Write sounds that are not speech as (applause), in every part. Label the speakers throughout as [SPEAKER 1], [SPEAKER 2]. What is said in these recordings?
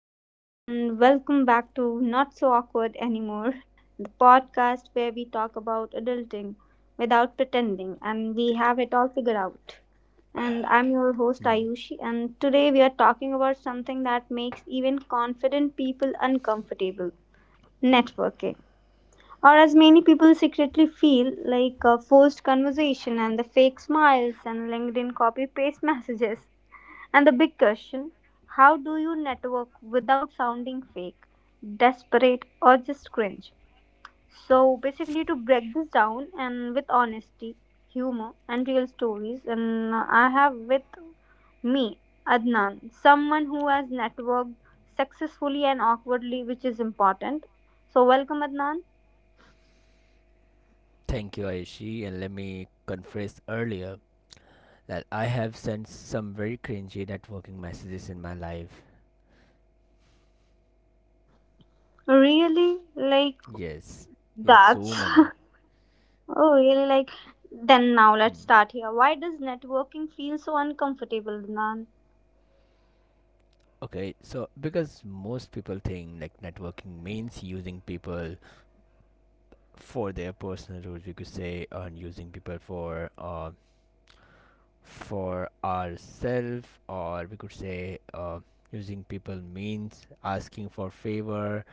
[SPEAKER 1] everyone, and welcome back to Not So Awkward Anymore, the podcast where we talk about adulting without pretending and we have it all figured out. And I'm your host, Ayushi, and today we are talking about something that makes even confident people uncomfortable networking. Or, as many people secretly feel, like a forced conversation and the fake smiles and LinkedIn copy paste messages. And the big question how do you network without sounding fake, desperate, or just cringe? So, basically, to break this down and with honesty, humor, and real stories, and I have with me Adnan, someone who has networked successfully and awkwardly, which is important. So, welcome, Adnan.
[SPEAKER 2] Thank you, Aishi, and let me confess earlier that I have sent some very cringy networking messages in my life.
[SPEAKER 1] Really? Like,
[SPEAKER 2] Yes, yes, so
[SPEAKER 1] that's.
[SPEAKER 2] many.
[SPEAKER 1] (laughs) Oh, really? Like, then now let's
[SPEAKER 2] Hmm.
[SPEAKER 1] start here. Why does networking feel so uncomfortable, Adnan?
[SPEAKER 2] Okay, so because most people think like networking means using people for their personal use, we could say, or using people for ourselves, or we could say using people means asking for favor,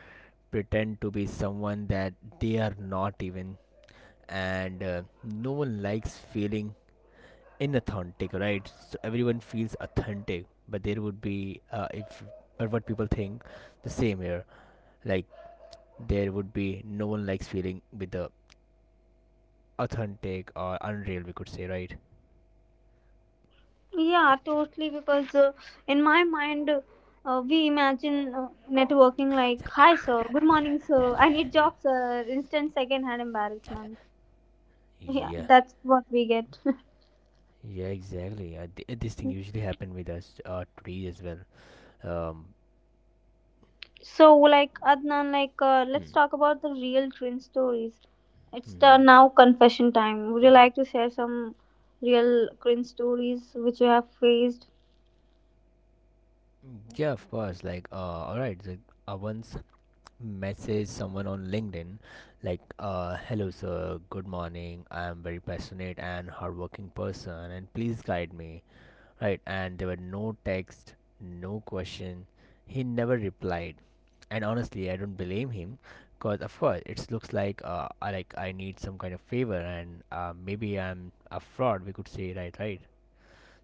[SPEAKER 2] pretend to be someone that they are not even and no one likes feeling inauthentic, right? So everyone feels authentic, but there would be if but what people think the same here, like there would be no one likes feeling with the authentic or unreal, we could say, right?
[SPEAKER 1] Yeah, totally. Because in my mind, we imagine networking like, "Hi, sir. Good morning, sir. I need job, sir." Instant second-hand embarrassment. Yeah,
[SPEAKER 2] Yeah,
[SPEAKER 1] that's what we get. (laughs)
[SPEAKER 2] yeah, exactly, this thing usually happen with us today as well. um
[SPEAKER 1] So, like Adnan, like
[SPEAKER 2] hmm.
[SPEAKER 1] let's talk about the real cringe stories. It's the
[SPEAKER 2] Hmm.
[SPEAKER 1] now confession time. Would you like to share some real cringe stories which you have faced?
[SPEAKER 2] Yeah, of course, like all right, so once message someone on LinkedIn, like, hello sir, good morning. I am very passionate and hardworking person and please guide me. Right. And there were no text, no question. He never replied. And honestly, I don't blame him because of course it looks like I need some kind of favor, and maybe I'm a fraud, we could say, right? Right,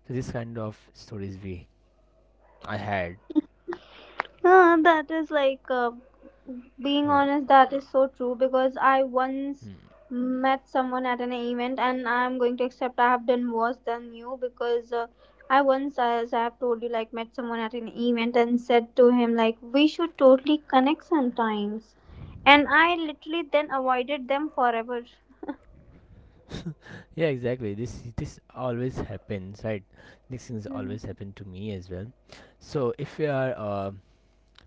[SPEAKER 2] so this kind of stories we I had.
[SPEAKER 1] That is like being
[SPEAKER 2] uh,
[SPEAKER 1] honest, that is so true because I once
[SPEAKER 2] hmm.
[SPEAKER 1] met someone at an event, and I'm going to accept I have done worse than you because I once, as I have told you, like met someone at an event and said to him, like, we should totally connect sometimes. And I literally then avoided them forever.
[SPEAKER 2] Yeah, exactly. This always happens, right? These things always
[SPEAKER 1] Mhm.
[SPEAKER 2] happen to me as well. So if we are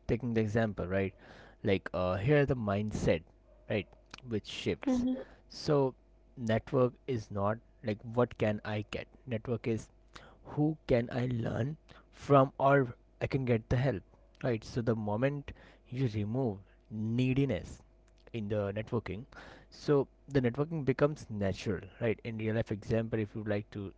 [SPEAKER 2] taking the example, right? Like here the mindset, right, which shifts.
[SPEAKER 1] Mhm.
[SPEAKER 2] So network is not like what can I get? Network is who can I learn from or I can get the help. Right. So the moment you remove neediness in the networking, so the networking becomes natural, right? In real life example, if you would like to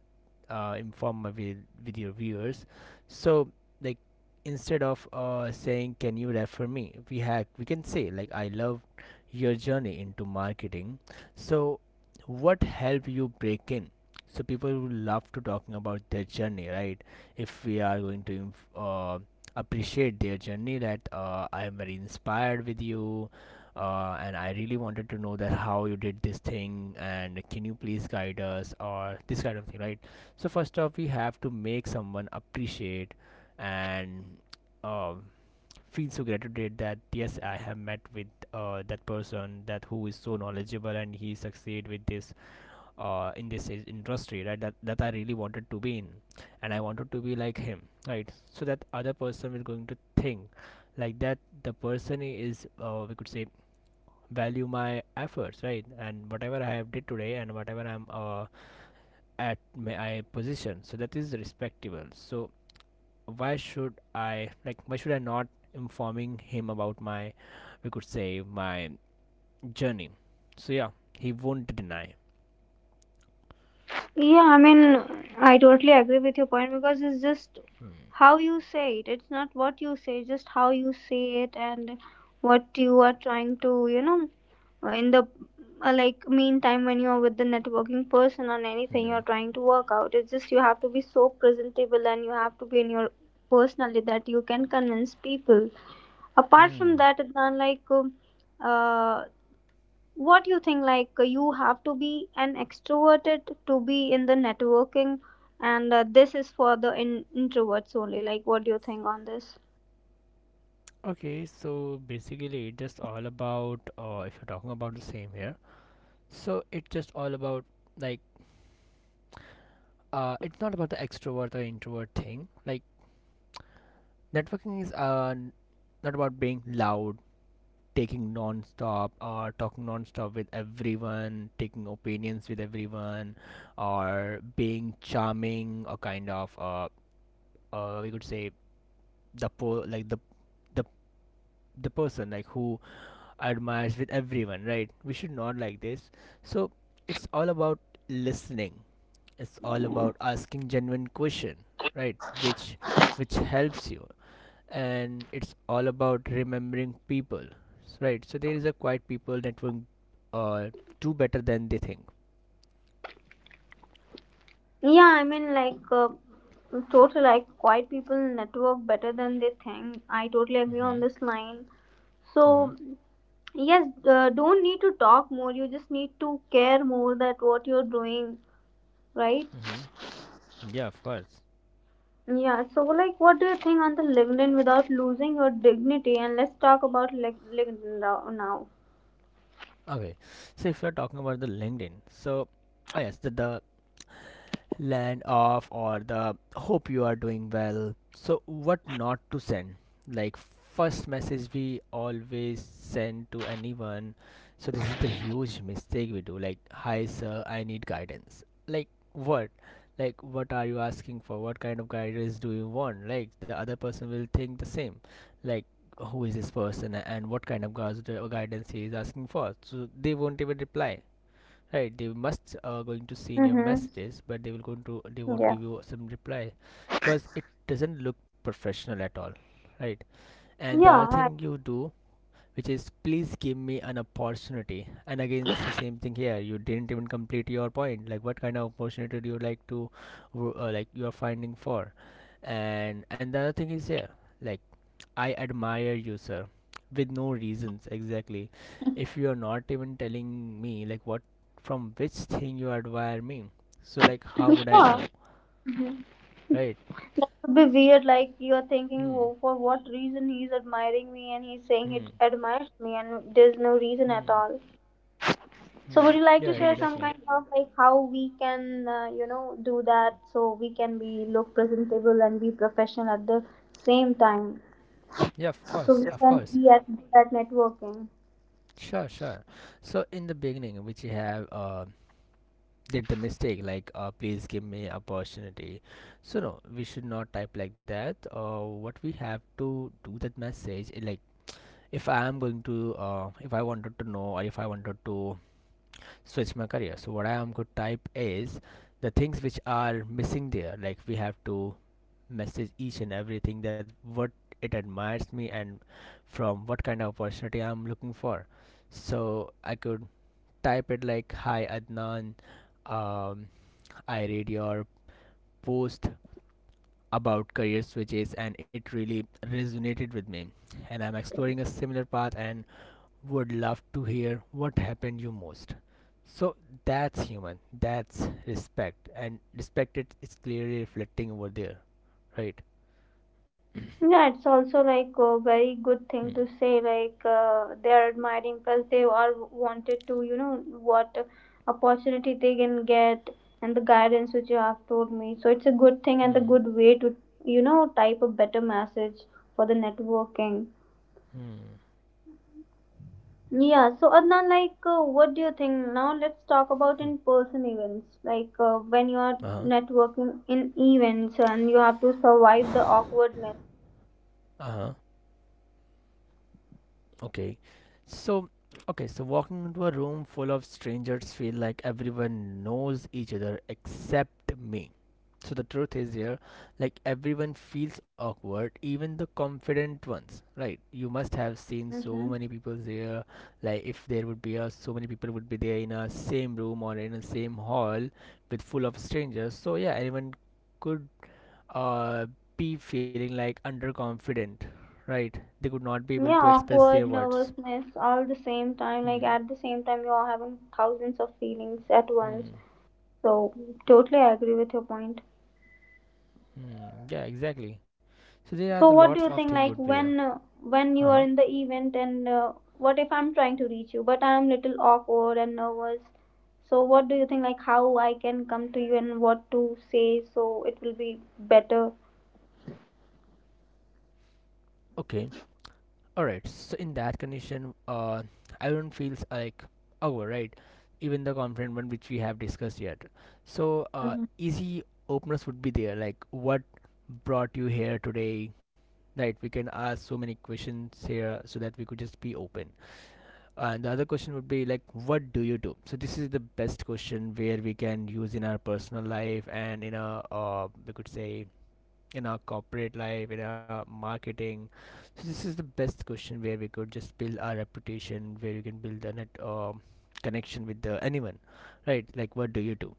[SPEAKER 2] inform my video viewers. So like instead of saying can you refer me, we can say like I love your journey into marketing. So what helped you break in? So people will love to talking about their journey, right? If we are going to appreciate their journey, that I am very inspired with you, and I really wanted to know that how you did this thing, and can you please guide us or this kind of thing, right? So first off we have to make someone appreciate and uh, feel so gratitude that yes, I have met with that person that who is so knowledgeable and he succeed with this in this industry, right? That I really wanted to be in, and I wanted to be like him, right? So that other person is going to think like that the person is we could say value my efforts, right? And whatever I have did today and whatever I'm at my position, so that is respectable. So why should I, like why should I not informing him about my, we could say my journey? So yeah, he won't deny.
[SPEAKER 1] Yeah, I mean, I totally agree with your point because it's just
[SPEAKER 2] hmm.
[SPEAKER 1] how you say it. It's not what you say, just how you say it and what you are trying to, you know, in the like meantime when you are with the networking person on anything
[SPEAKER 2] Mm-hmm.
[SPEAKER 1] you're trying to work out. It's just you have to be so presentable and you have to be in your personality that you can convince people. Apart from
[SPEAKER 2] Hmm.
[SPEAKER 1] that, it's not like. Uh, what do you think like you have to be an extroverted to be in the networking and this is for the introverts only, like what do you think on this?
[SPEAKER 2] Okay, so basically it's just all about if you're talking about the same here, so it's just all about, like it's not about the extrovert or introvert thing. Like networking is not about being loud, taking non-stop or talking non-stop with everyone, taking opinions with everyone or being charming or kind of we could say the like the the person like who admires with everyone, right? We should not like this. So it's all about listening, it's all about asking genuine question, right? Which helps you. And it's all about remembering people, right? So there is a quite people network uh, do better than they think.
[SPEAKER 1] Yeah, I mean like totally, like quiet people network better than they think. I totally agree
[SPEAKER 2] Mm-hmm.
[SPEAKER 1] on this line. So
[SPEAKER 2] Mm-hmm.
[SPEAKER 1] yes, don't need to talk more, you just need to care more that what you're doing, right?
[SPEAKER 2] Mm-hmm. Yeah, of course.
[SPEAKER 1] Yeah, so like what do you think on the LinkedIn without losing your dignity? And let's talk about LinkedIn now.
[SPEAKER 2] Okay, so if you're talking about the LinkedIn, so oh yes, the land off or the hope you are doing well. So, what not to send? Like, first message we always send to anyone. So, this is the huge mistake we do. Like, hi, sir, I need guidance. Like, what? Like, what are you asking for? What kind of guidance do you want? Like, the other person will think the same. Like, who is this person and what kind of guidance he is asking for? So, they won't even reply, right? They must going to see in your
[SPEAKER 1] Mm-hmm.
[SPEAKER 2] messages, but they will going to they won't
[SPEAKER 1] Yeah.
[SPEAKER 2] give you some reply because it doesn't look professional at all, right? And the
[SPEAKER 1] Yeah,
[SPEAKER 2] other
[SPEAKER 1] I-
[SPEAKER 2] thing you do, which is please give me an opportunity. And again it's the same thing here, you didn't even complete your point. Like what kind of opportunity do you like to like you are finding for? And the other thing is here, like I admire you, sir, with no reasons exactly. If you are not even telling me like what from which thing you admire me, so like how
[SPEAKER 1] (laughs)
[SPEAKER 2] would I
[SPEAKER 1] Yeah.
[SPEAKER 2] know, right?
[SPEAKER 1] That would be weird. Like you're thinking,
[SPEAKER 2] Hmm,
[SPEAKER 1] oh, for what reason he's admiring me and he's saying he
[SPEAKER 2] hmm,
[SPEAKER 1] admires me, and there's no reason at
[SPEAKER 2] hmm,
[SPEAKER 1] all. So would
[SPEAKER 2] hmm.
[SPEAKER 1] you like to
[SPEAKER 2] Yeah,
[SPEAKER 1] share Hmm. some
[SPEAKER 2] exactly.
[SPEAKER 1] kind of like how we can, you know, do that so we can be look presentable and be professional at the same time,
[SPEAKER 2] Yeah, of
[SPEAKER 1] so
[SPEAKER 2] course,
[SPEAKER 1] we Yeah. of
[SPEAKER 2] of
[SPEAKER 1] can course.
[SPEAKER 2] course.
[SPEAKER 1] Be at that networking.
[SPEAKER 2] Sure, sure. So in the beginning, which you have did the mistake, like please give me opportunity. So no, we should not type like that. What we have to do that message like if I am going to if I wanted to know or if I wanted to switch my career, so what I am going to type is the things which are missing there. Like we have to message each and everything that what it admires me and from what kind of opportunity I'm looking for. So I could type it like, hi Adnan, um, I read your post about career switches and it really resonated with me, and I'm exploring a similar path, and would love to hear what happened you most. So that's human. That's respect, and respect it is clearly reflecting over there, right? (coughs)
[SPEAKER 1] Yeah, it's also like a very good
[SPEAKER 2] hmm.
[SPEAKER 1] thing to say. Like they are admiring, plus they are wanted to, you know, what opportunity they can get and the guidance which you have told me. So it's a good thing and a
[SPEAKER 2] Hmm.
[SPEAKER 1] good way to, you know, type a better message for the networking.
[SPEAKER 2] Hmm.
[SPEAKER 1] Yeah, so Adnan, like, what do you think? Now let's talk about in-person events. Like, when you are
[SPEAKER 2] Uh huh.
[SPEAKER 1] networking in events and you have to survive the awkwardness.
[SPEAKER 2] Uh huh. Okay. So, okay, so walking into a room full of strangers feel like everyone knows each other except me. So the truth is here, like everyone feels awkward, even the confident ones, right? You must have seen so
[SPEAKER 1] Mm-hmm.
[SPEAKER 2] many people there. Like if there would be a so many people would be there in a same room or in a same hall with full of strangers. So yeah, anyone could uh, be feeling like underconfident, right? They could not be able
[SPEAKER 1] Yeah,
[SPEAKER 2] to express
[SPEAKER 1] awkward,
[SPEAKER 2] their words.
[SPEAKER 1] nervousness, all the same time. Like
[SPEAKER 2] Hmm.
[SPEAKER 1] at the same time, you're having thousands of feelings at once.
[SPEAKER 2] Hmm.
[SPEAKER 1] So totally, I agree with your point.
[SPEAKER 2] Hmm. Yeah, exactly. So there are the
[SPEAKER 1] So what
[SPEAKER 2] lots
[SPEAKER 1] do
[SPEAKER 2] of
[SPEAKER 1] you
[SPEAKER 2] thing
[SPEAKER 1] think?
[SPEAKER 2] would
[SPEAKER 1] Like
[SPEAKER 2] be there.
[SPEAKER 1] when
[SPEAKER 2] Uh
[SPEAKER 1] you are
[SPEAKER 2] huh.
[SPEAKER 1] in the event, and what if I'm trying to reach you, but I'm little awkward and nervous. So what do you think? Like how I can come to you and what to say so it will be better.
[SPEAKER 2] Okay. All right. So in that condition, I don't feels like our right, even the confident one which we have discussed yet. So
[SPEAKER 1] Mm-hmm.
[SPEAKER 2] easy openers would be there. Like, what brought you here today? Right. We can ask so many questions here so that we could just be open. And the other question would be like, what do you do? So this is the best question where we can use in our personal life and in a, we could say in our corporate life, in our marketing. So this is the best question where we could just build our reputation, where you can build a net connection with the anyone, right? Like, what do you do?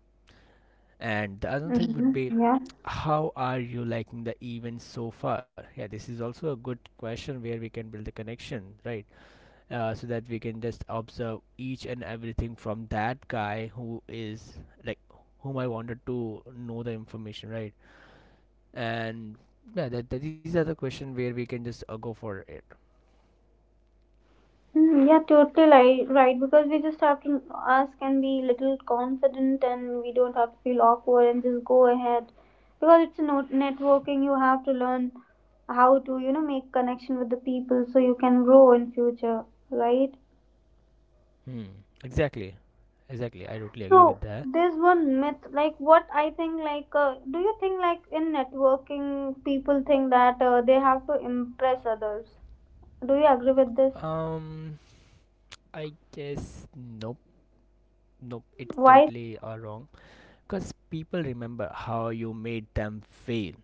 [SPEAKER 2] And the other thing would be,
[SPEAKER 1] Mm-hmm. Yeah.
[SPEAKER 2] how are you liking the event so far? Yeah, this is also a good question where we can build the connection, right? So that we can just observe each and everything from that guy who is like whom I wanted to know the information, right? And yeah, that, that these are the question where we can just go for it.
[SPEAKER 1] Mm, yeah, totally right. Because we just have to ask and be little confident, and we don't have to feel awkward and just go ahead. Because it's a networking, you have to learn how to you know make connection with the people so you can grow in future, right?
[SPEAKER 2] Hmm. Exactly. Exactly. I totally agree with
[SPEAKER 1] So
[SPEAKER 2] that.
[SPEAKER 1] there's one myth, like what I think, like do you think like in networking people think that they have to impress others? Do you agree with this?
[SPEAKER 2] Um. I guess nope. Nope. It's
[SPEAKER 1] Why?
[SPEAKER 2] totally wrong because people remember how you made them feel,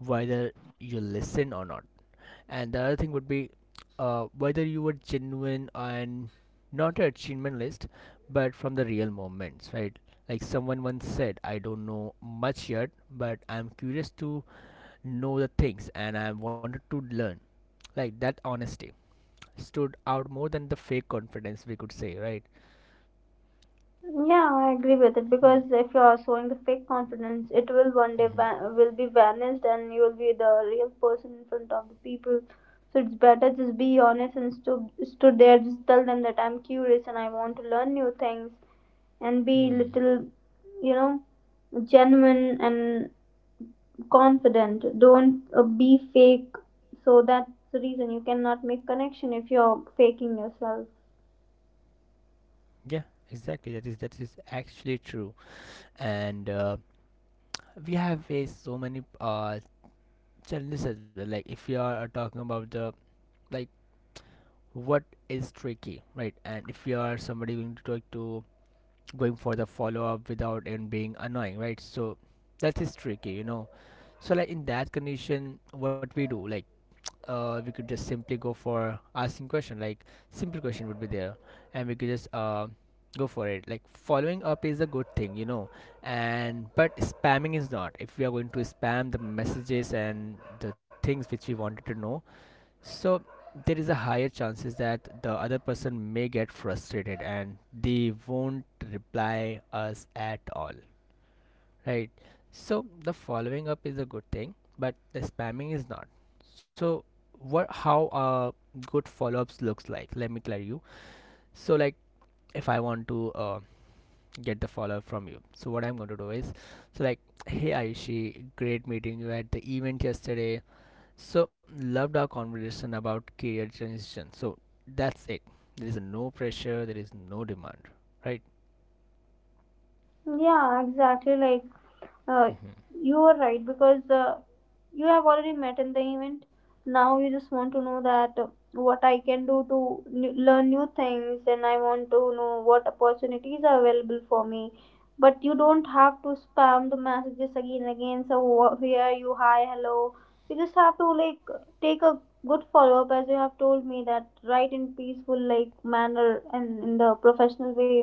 [SPEAKER 2] whether you listen or not. And the other thing would be whether you were genuine and not an achievement list but from the real moments, right? Like someone once said, I don't know much yet, but I'm curious to know the things and I wanted to learn. Like that honesty stood out more than the fake confidence, we could say, right?
[SPEAKER 1] Yeah, I agree with it
[SPEAKER 2] Hmm.
[SPEAKER 1] because if you are showing the fake confidence, it will one day
[SPEAKER 2] hmm
[SPEAKER 1] will be vanished and you will be the real person in front of the people. So it's better just be honest and stood there. Just tell them that I'm curious and I want to learn new things and be
[SPEAKER 2] hmm
[SPEAKER 1] little, you know, genuine and confident. Don't be fake. So that's the reason you cannot make connection if you're faking yourself.
[SPEAKER 2] yeah exactly, that is actually true. And we have faced so many challenges as well. Like if you are talking about the like what is tricky, right? And if you are somebody going to talk to, going for the follow-up without and being annoying, right? So that is tricky, you know. So like in that condition, what we do, like we could just simply go for asking question, like simple question would be there, and we could just go for it. Like following up is a good thing, you know. And but spamming is not. If we are going to spam the messages and the things which we wanted to know, so there is a higher chances that the other person may get frustrated and they won't reply us at all, right? So the following up is a good thing, but the spamming is not. So what how good follow-ups looks like? Let me clear you. So like if I want to get the follow-up from you, so what I'm going to do is, so like, hey Ayushi, great meeting you at the event yesterday, so loved our conversation about career transition. So that's it. There is no pressure. There is no demand. Right?
[SPEAKER 1] Yeah, exactly. Like, uh, you are right because you have already met in the event. Now you just want to know that what I can do to new, learn new things, and I want to know what opportunities are available for me. But you don't have to spam the messages again and again. So here you, hi, hello. You just have to like take a good follow up as you have told me that write in peaceful like manner and in the professional way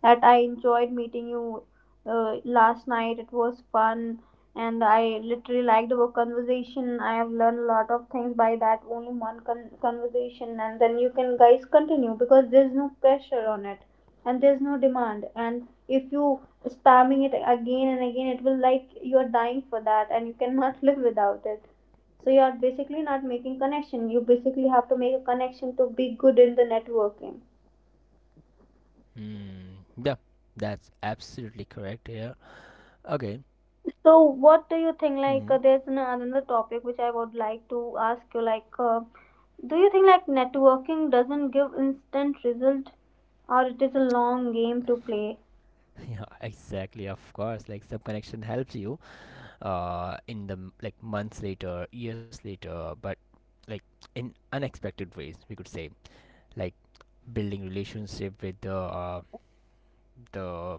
[SPEAKER 1] that I enjoyed meeting you last night. It was fun, and I literally liked our conversation. I have learned a lot of things by that only one conversation, and then you can guys continue because there's no pressure on it, and there's no demand. And if you spamming it again and again, it will like you're dying for that, and you cannot (laughs) live without it. So you are basically not making connection. You basically have to make a connection to be good in the networking.
[SPEAKER 2] hmm Yeah, that's absolutely correct here. Okay.
[SPEAKER 1] So, what do you think? Like,
[SPEAKER 2] Hmm.
[SPEAKER 1] there's another topic which I would like to ask you. Like, do you think like networking doesn't give instant result, or it is a long game to play?
[SPEAKER 2] (laughs) Yeah, exactly. Of course, like some connection helps you. In the like months later, years later, but like in unexpected ways, we could say, like building relationship with the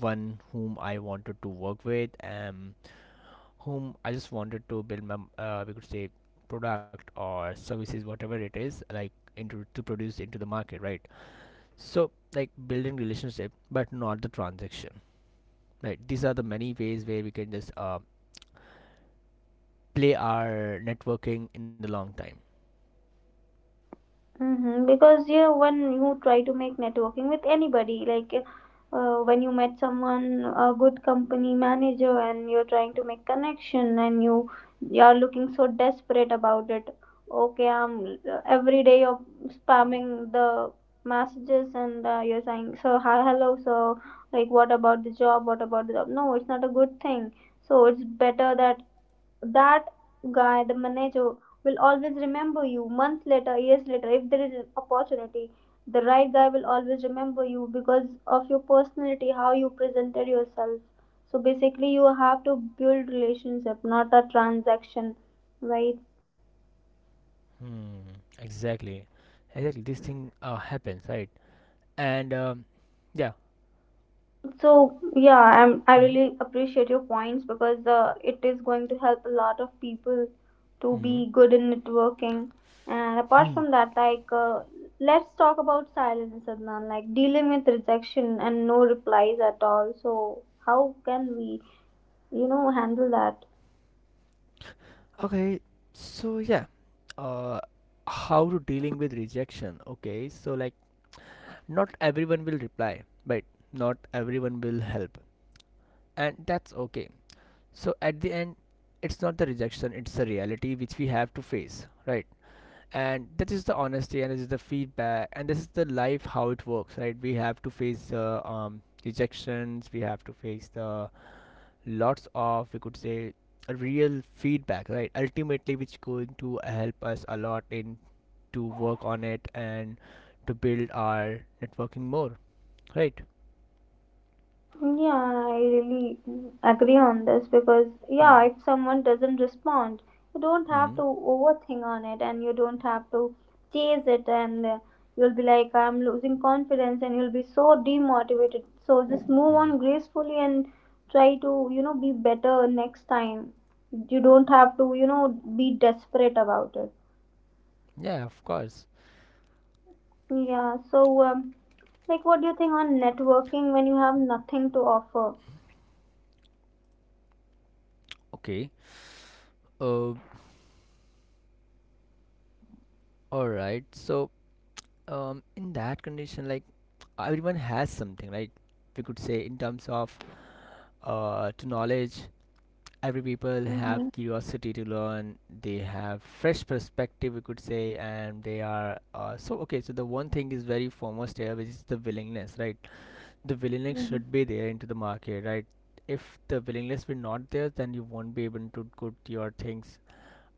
[SPEAKER 2] one whom I wanted to work with, and whom I just wanted to build my we could say, product or services, whatever it is, like into to produce into the market, right? So like building relationship, but not the transaction, right? These are the many ways where we can just play our networking in the long time.
[SPEAKER 1] Mm-hmm. Because yeah, when you try to make networking with anybody, like when you met someone, a good company manager, and you're trying to make connection, and you are looking so desperate about it. Okay, I'm every day you're spamming the messages, and you're saying, "So hi, hello, so like what about the job? What about the job?" No, it's not a good thing. So it's better that guy, the manager, will always remember you months later, years later. If there is an opportunity, the right guy will always remember you because of your personality, how you presented yourself. So basically, you have to build relationship, not a transaction, right?
[SPEAKER 2] hmm exactly. Exactly this thing happens, right? and yeah.
[SPEAKER 1] So yeah, I
[SPEAKER 2] Mm-hmm.
[SPEAKER 1] really appreciate your points because it is going to help a lot of people to
[SPEAKER 2] Mm-hmm.
[SPEAKER 1] be good in networking. And apart
[SPEAKER 2] Hmm.
[SPEAKER 1] from that, like let's talk about silence, Adnan. Like dealing with rejection and no replies at all. So how can we, you know, handle that?
[SPEAKER 2] Okay, so yeah. uh how to dealing with rejection? Okay, so like, not everyone will reply, but not everyone will help, and that's okay. So, at the end, it's not the rejection, it's the reality which we have to face, right? And that is the honesty, and this is the feedback, and this is the life how it works, right? We have to face the rejections, we have to face the lots of, we could say, real feedback, right? Ultimately, which going to help us a lot in to work on it and to build our networking more, right?
[SPEAKER 1] Yeah, I really agree on this because,
[SPEAKER 2] Hmm.
[SPEAKER 1] yeah, if someone doesn't respond, you don't have to
[SPEAKER 2] Hmm.
[SPEAKER 1] overthink on it and you don't have to chase it, and you'll be like, I'm losing confidence, and you'll be so demotivated. So just move
[SPEAKER 2] Hmm.
[SPEAKER 1] on gracefully and try to, you know, be better next time. You don't have to, you know, be desperate about it.
[SPEAKER 2] Yeah, of course.
[SPEAKER 1] Yeah, so, like, what do you think on networking when you have nothing to offer?
[SPEAKER 2] Okay. Uh, all right. So, in that condition, like everyone has something, right? We could say in terms of to knowledge, every people have
[SPEAKER 1] Mm-hmm.
[SPEAKER 2] curiosity to learn. They have fresh perspective, we could say, and they are so okay. So the one thing is very foremost here, which is the willingness, right? The willingness should be there into the market, right? If the willingness will not there, then you won't be able to put your things,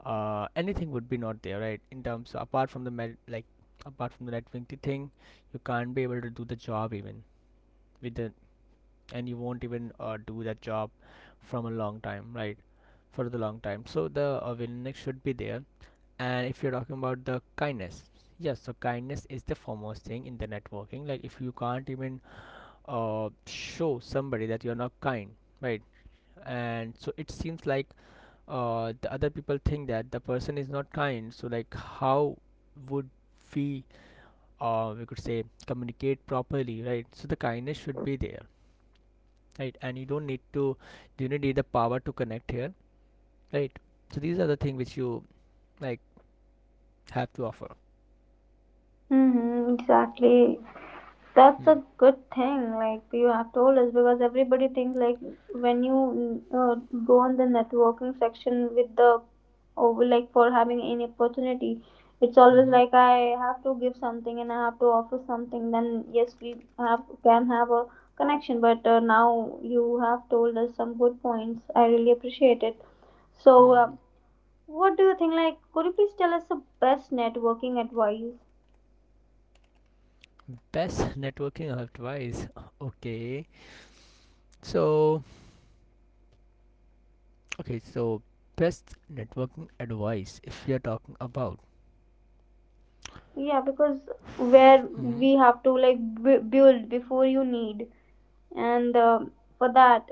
[SPEAKER 2] anything would be not there, right? In terms of, apart from the med, like apart from the right wing thing, you can't be able to do the job even with the, and you won't even do that job from a long time, right? For the long time, so the willingness should be there. And if you're talking about the kindness, yes, so kindness is the foremost thing in the networking. Like if you can't even show somebody that you're not kind, right? And so it seems like the other people think that the person is not kind. So like how would we we could say communicate properly, right? So the kindness should be there, right? And you don't need the power to connect here, right? So these are the things which you, like, have to offer.
[SPEAKER 1] Mhm, exactly. That's
[SPEAKER 2] Hmm.
[SPEAKER 1] a good thing, like you have told us, because everybody thinks like when you go on the networking section with the over like for having any opportunity, it's always
[SPEAKER 2] Mm-hmm.
[SPEAKER 1] like I have to give something and I have to offer something. Then yes, we have can have a connection. But now you have told us some good points. I really appreciate it. So,
[SPEAKER 2] Hmm.
[SPEAKER 1] what do you think? Like, could you please tell us the best networking advice?
[SPEAKER 2] Best networking advice. (laughs) Okay. so okay so best networking advice, if you're talking about.
[SPEAKER 1] Yeah, because where
[SPEAKER 2] Hmm.
[SPEAKER 1] we have to like build before you need, and um, for that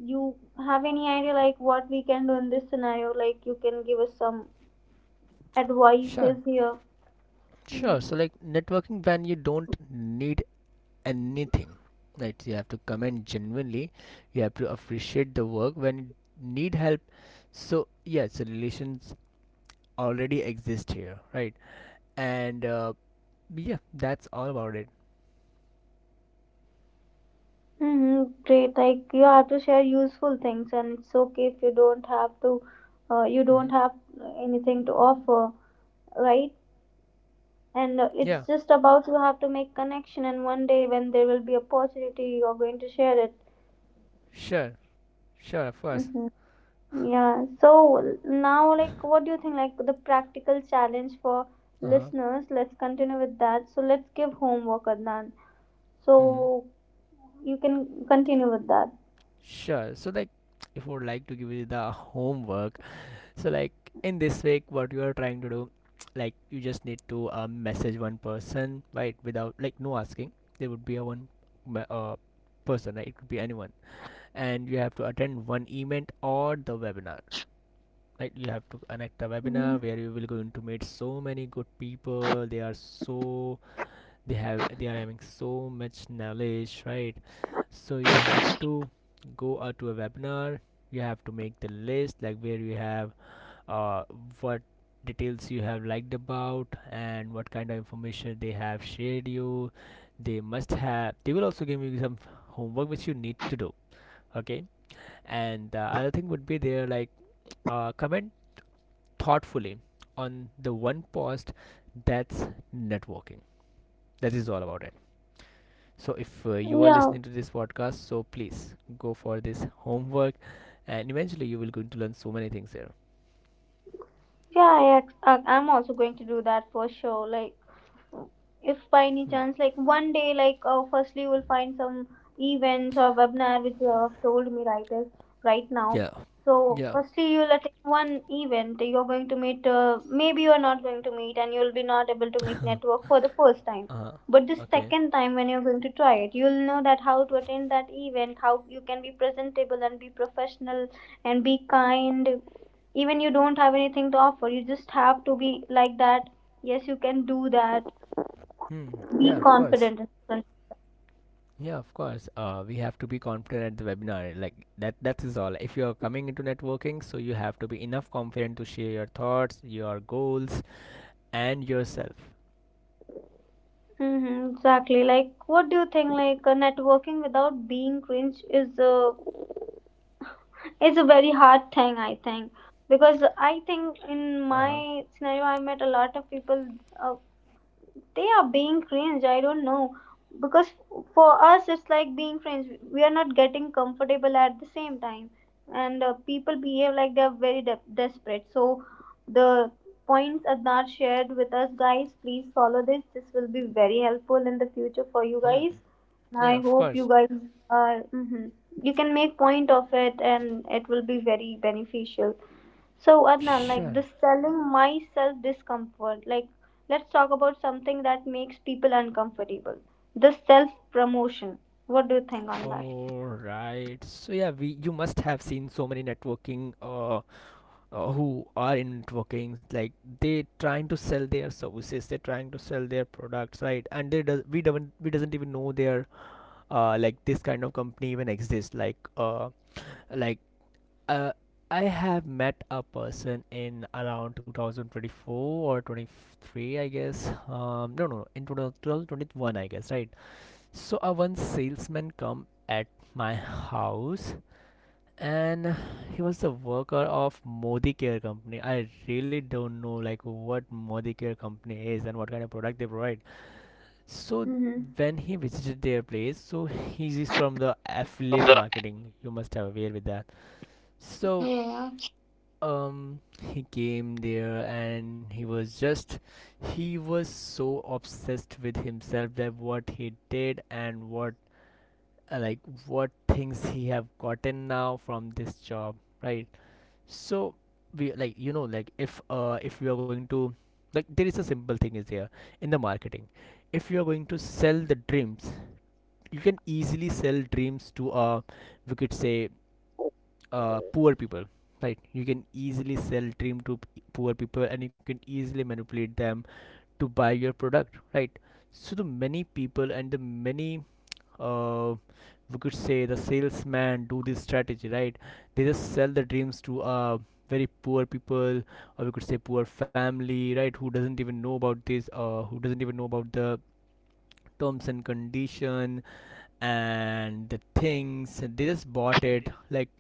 [SPEAKER 1] you have any idea like what we can do in this scenario, like you can give us some advices
[SPEAKER 2] Sure.
[SPEAKER 1] here.
[SPEAKER 2] Sure. So like networking when you don't need anything, right? You have to comment genuinely. You have to appreciate the work when you need help. So yeah, so relations already exist here, right? And yeah, that's all about it.
[SPEAKER 1] Mm-hmm, great, like you have to share useful things and it's okay if you don't have to you don't
[SPEAKER 2] Hmm.
[SPEAKER 1] have anything to offer, right? And it's
[SPEAKER 2] Yeah.
[SPEAKER 1] just about you have to make connection and one day when there will be opportunity you're going to share it.
[SPEAKER 2] Sure. Sure. Of course.
[SPEAKER 1] Mm-hmm. Yeah, so now, like, what do you think? Like, the practical challenge for
[SPEAKER 2] Uh huh.
[SPEAKER 1] listeners, let's continue with that. So, let's give homework, Adnan.
[SPEAKER 2] Hmm.
[SPEAKER 1] So, you can continue with that.
[SPEAKER 2] Sure. So like, if I would like to give you the homework, so like in this week, what you are trying to do, like you just need to message one person, right? Without like no asking, there would be a one me- uh, person, right? It could be anyone, and you have to attend one event or the webinar. Right, you have to connect a
[SPEAKER 1] Mhm.
[SPEAKER 2] webinar where you will going to meet so many good people. They are having so much knowledge, right? So you have to go out to a webinar. You have to make the list like where you have uh, what details you have liked about and what kind of information they have shared you. They must have, they will also give you some homework which you need to do, okay? And the other thing would be there, like comment thoughtfully on the one post. That's networking. That is all about it. So if you are
[SPEAKER 1] Yeah,
[SPEAKER 2] listening to this podcast, so please go for this homework, and eventually you will going to learn so many things here.
[SPEAKER 1] Yeah, I'm also going to do that for sure. Like, if by any
[SPEAKER 2] Hmm.
[SPEAKER 1] chance, like one day, firstly, you will find some events or webinar which you have told me right this right now.
[SPEAKER 2] Yeah.
[SPEAKER 1] So,
[SPEAKER 2] Yeah.
[SPEAKER 1] firstly, you'll attend one event. You're going to meet. Maybe you're not going to meet, and you'll be not able to make network for the first time.
[SPEAKER 2] Uh huh.
[SPEAKER 1] But the
[SPEAKER 2] Okay.
[SPEAKER 1] second time, when you're going to try it, you'll know that how to attend that event, how you can be presentable and be professional and be kind, even you don't have anything to offer. You just have to be like that. Yes, you can do that.
[SPEAKER 2] Hmm.
[SPEAKER 1] Be
[SPEAKER 2] Yeah, of course.
[SPEAKER 1] confident in front.
[SPEAKER 2] Yeah, of course. We have to be confident at the webinar. Like that. That is all. If you are coming into networking, so you have to be enough confident to share your thoughts, your goals, and yourself.
[SPEAKER 1] Mm-hmm, exactly. Like, what do you think? Networking without being cringe is a very hard thing. I think, because I think in
[SPEAKER 2] Uh huh.
[SPEAKER 1] my scenario, I met a lot of people. Uh, they are being cringe, I don't know, because for us it's like being friends, we are not getting comfortable at the same time. And people behave like they are very desperate. So the points Adnar shared with us, guys, please follow this, this will be very helpful in the future for you
[SPEAKER 2] Hmm.
[SPEAKER 1] guys, and I
[SPEAKER 2] Yeah, of
[SPEAKER 1] hope you
[SPEAKER 2] course.
[SPEAKER 1] guys are. Mhm. You can make point of it and it will be very beneficial. So Adnan, like
[SPEAKER 2] Sure.
[SPEAKER 1] this selling myself discomfort. Like, let's talk about something that makes people uncomfortable. The self promotion. What do you think on that?
[SPEAKER 2] All right. So yeah, we you must have seen so many networking who are in networking, like they trying to sell their services, they're trying to sell their products, right? And they does we doesn't even know their like this kind of company even exists. Like like uh, I have met a person in around 2024 or 23, I guess. No, no, in 2021, I guess, right? So a one salesman come at my house, and he was a worker of Modi Care company. I really don't know like what Modi Care company is and what kind of product they provide. So
[SPEAKER 1] Mm-hmm.
[SPEAKER 2] when he visited their place, so he is from the affiliate marketing. You must have aware with that. So
[SPEAKER 1] Yeah.
[SPEAKER 2] he came there, and he was just, he was so obsessed with himself that what he did and what uh, like what things he have gotten now from this job, right? So we, like, you know, like if we are going to, like, there is a simple thing is here. In the marketing, if you are going to sell the dreams, you can easily sell dreams to we could say poor people, right? You can easily sell dream to poor people, and you can easily manipulate them to buy your product, right? So the many people and the many uh we could say the salesman do this strategy, right? They just sell the dreams to very poor people, or we could say poor family, right? Who doesn't even know about this, who doesn't even know about the terms and condition, and the things they just bought it. Like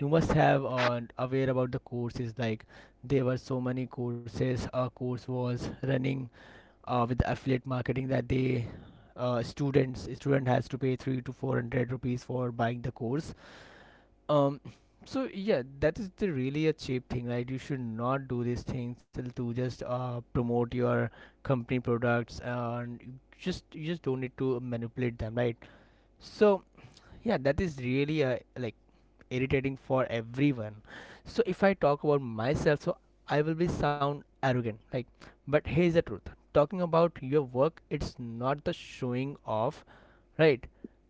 [SPEAKER 2] you must have aware about the courses. Like there were so many courses, a course was running with affiliate marketing, that they student has to pay 3 to 400 rupees for buying the course. Um, so yeah, that is the really a cheap thing, right? You should not do these things to just promote your company products, and you just don't need to manipulate them, right? So yeah, that is really like irritating for everyone. So if I talk about myself, so I will be sound arrogant, like, but here's the truth: talking about your work, it's not the showing off, right?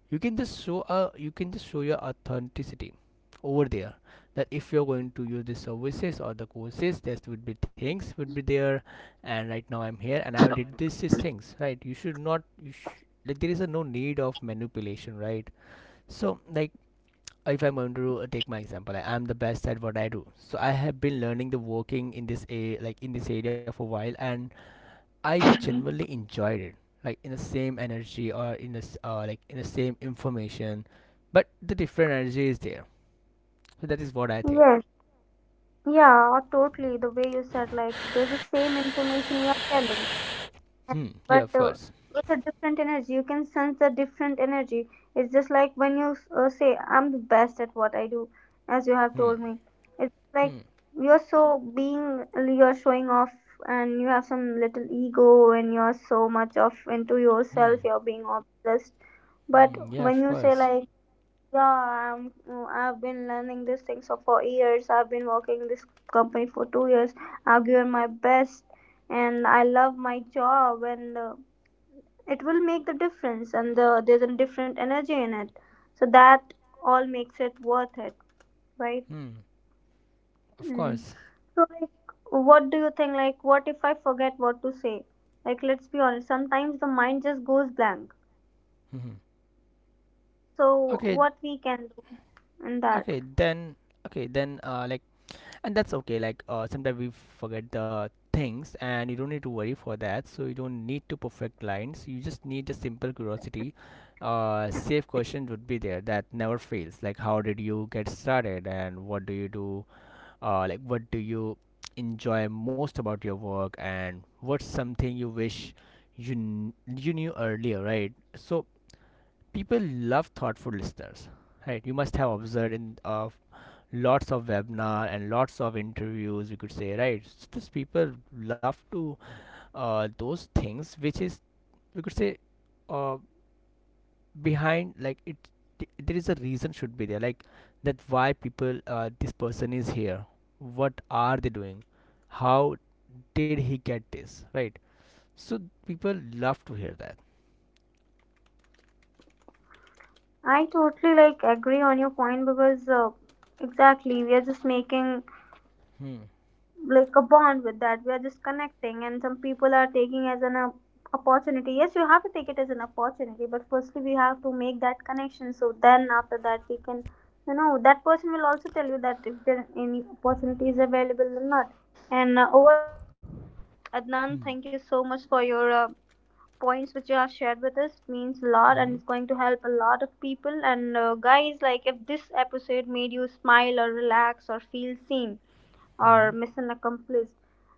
[SPEAKER 2] You can just show you can just show your authenticity over there, that if you're going to use the services or the courses, there would be things would be there, and right now I'm here and I did this these things, right? You should not, you like, there is a no need of manipulation, right? So like, if I'm going to take my example, like, I'm the best at what I do. So I have been learning the working in this a like in this area for a while, and I genuinely enjoyed it. Like in the same energy or in the like in the same information, but the different energy is there. So that is what I think.
[SPEAKER 1] Yes. Yeah. Totally. The way you said, like there's the same information you are telling,
[SPEAKER 2] Hmm. Yeah, of
[SPEAKER 1] but
[SPEAKER 2] course.
[SPEAKER 1] it's a different energy, you can sense a different energy. It's just like when you say, I'm the best at what I do, as you have
[SPEAKER 2] Hmm.
[SPEAKER 1] told me. It's like
[SPEAKER 2] Hmm.
[SPEAKER 1] you're so being, you're showing off and you have some little ego, and you're so much of into
[SPEAKER 2] Hmm.
[SPEAKER 1] yourself, you're being obsessed. But
[SPEAKER 2] Hmm. Yeah,
[SPEAKER 1] when
[SPEAKER 2] of
[SPEAKER 1] you say
[SPEAKER 2] course.
[SPEAKER 1] like, yeah, I've been learning these things for 4 years. I've been working in this company for 2 years. I've given my best, and I love my job, and it will make the difference. And there's a different energy in it, so that all makes it worth it, right?
[SPEAKER 2] Hmm. Of
[SPEAKER 1] Mm.
[SPEAKER 2] course.
[SPEAKER 1] So, like, what do you think? Like, what if I forget what to say? Like, let's be honest. Sometimes the mind just goes blank.
[SPEAKER 2] Hmm.
[SPEAKER 1] So,
[SPEAKER 2] Okay.
[SPEAKER 1] what we can do in that?
[SPEAKER 2] Okay. Then. Okay. Then. Uh. Like. And that's okay. Like sometimes we forget the things, and you don't need to worry for that, so you don't need to perfect lines, you just need a simple curiosity. Safe question would be there that never fails, like how did you get started and what do you do, like what do you enjoy most about your work, and what's something you wish you knew earlier, right? So people love thoughtful listeners, right? You must have observed in lots of webinar and lots of interviews, we could say, right? So these people love to those things which is we could say uh, behind like it. There is a reason should be there, like that why people this person is here, what are they doing, how did he get this, right? So people love to hear that.
[SPEAKER 1] I totally like agree on your point, because exactly we are just making
[SPEAKER 2] Hmm.
[SPEAKER 1] like a bond with that. We are just connecting, and some people are taking as an opportunity. Yes, you have to take it as an opportunity, but firstly we have to make that connection. So then after that we can, you know, that person will also tell you that if there any opportunity is available or not. And overall, Adnan,
[SPEAKER 2] Hmm.
[SPEAKER 1] thank you so much for your. Points which you have shared with us, it means a lot and it's
[SPEAKER 2] Mhm.
[SPEAKER 1] going to help a lot of people. And guys, like if this episode made you smile or relax or feel seen or mission accomplished,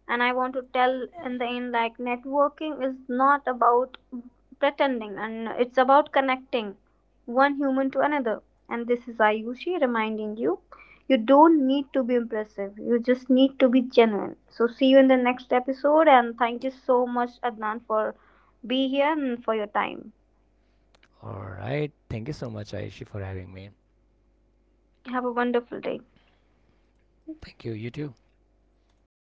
[SPEAKER 1] and I want to tell in the end, like networking is not about pretending, and it's about connecting one human to another. And this is Ayushi reminding you, you don't need to be impressive, you just need to be genuine. So see you in the next episode, and thank you so much Adnan for being here and for your time.
[SPEAKER 2] All right, thank you so much, aishi for having me.
[SPEAKER 1] Have a wonderful day.
[SPEAKER 2] Thank you, you too.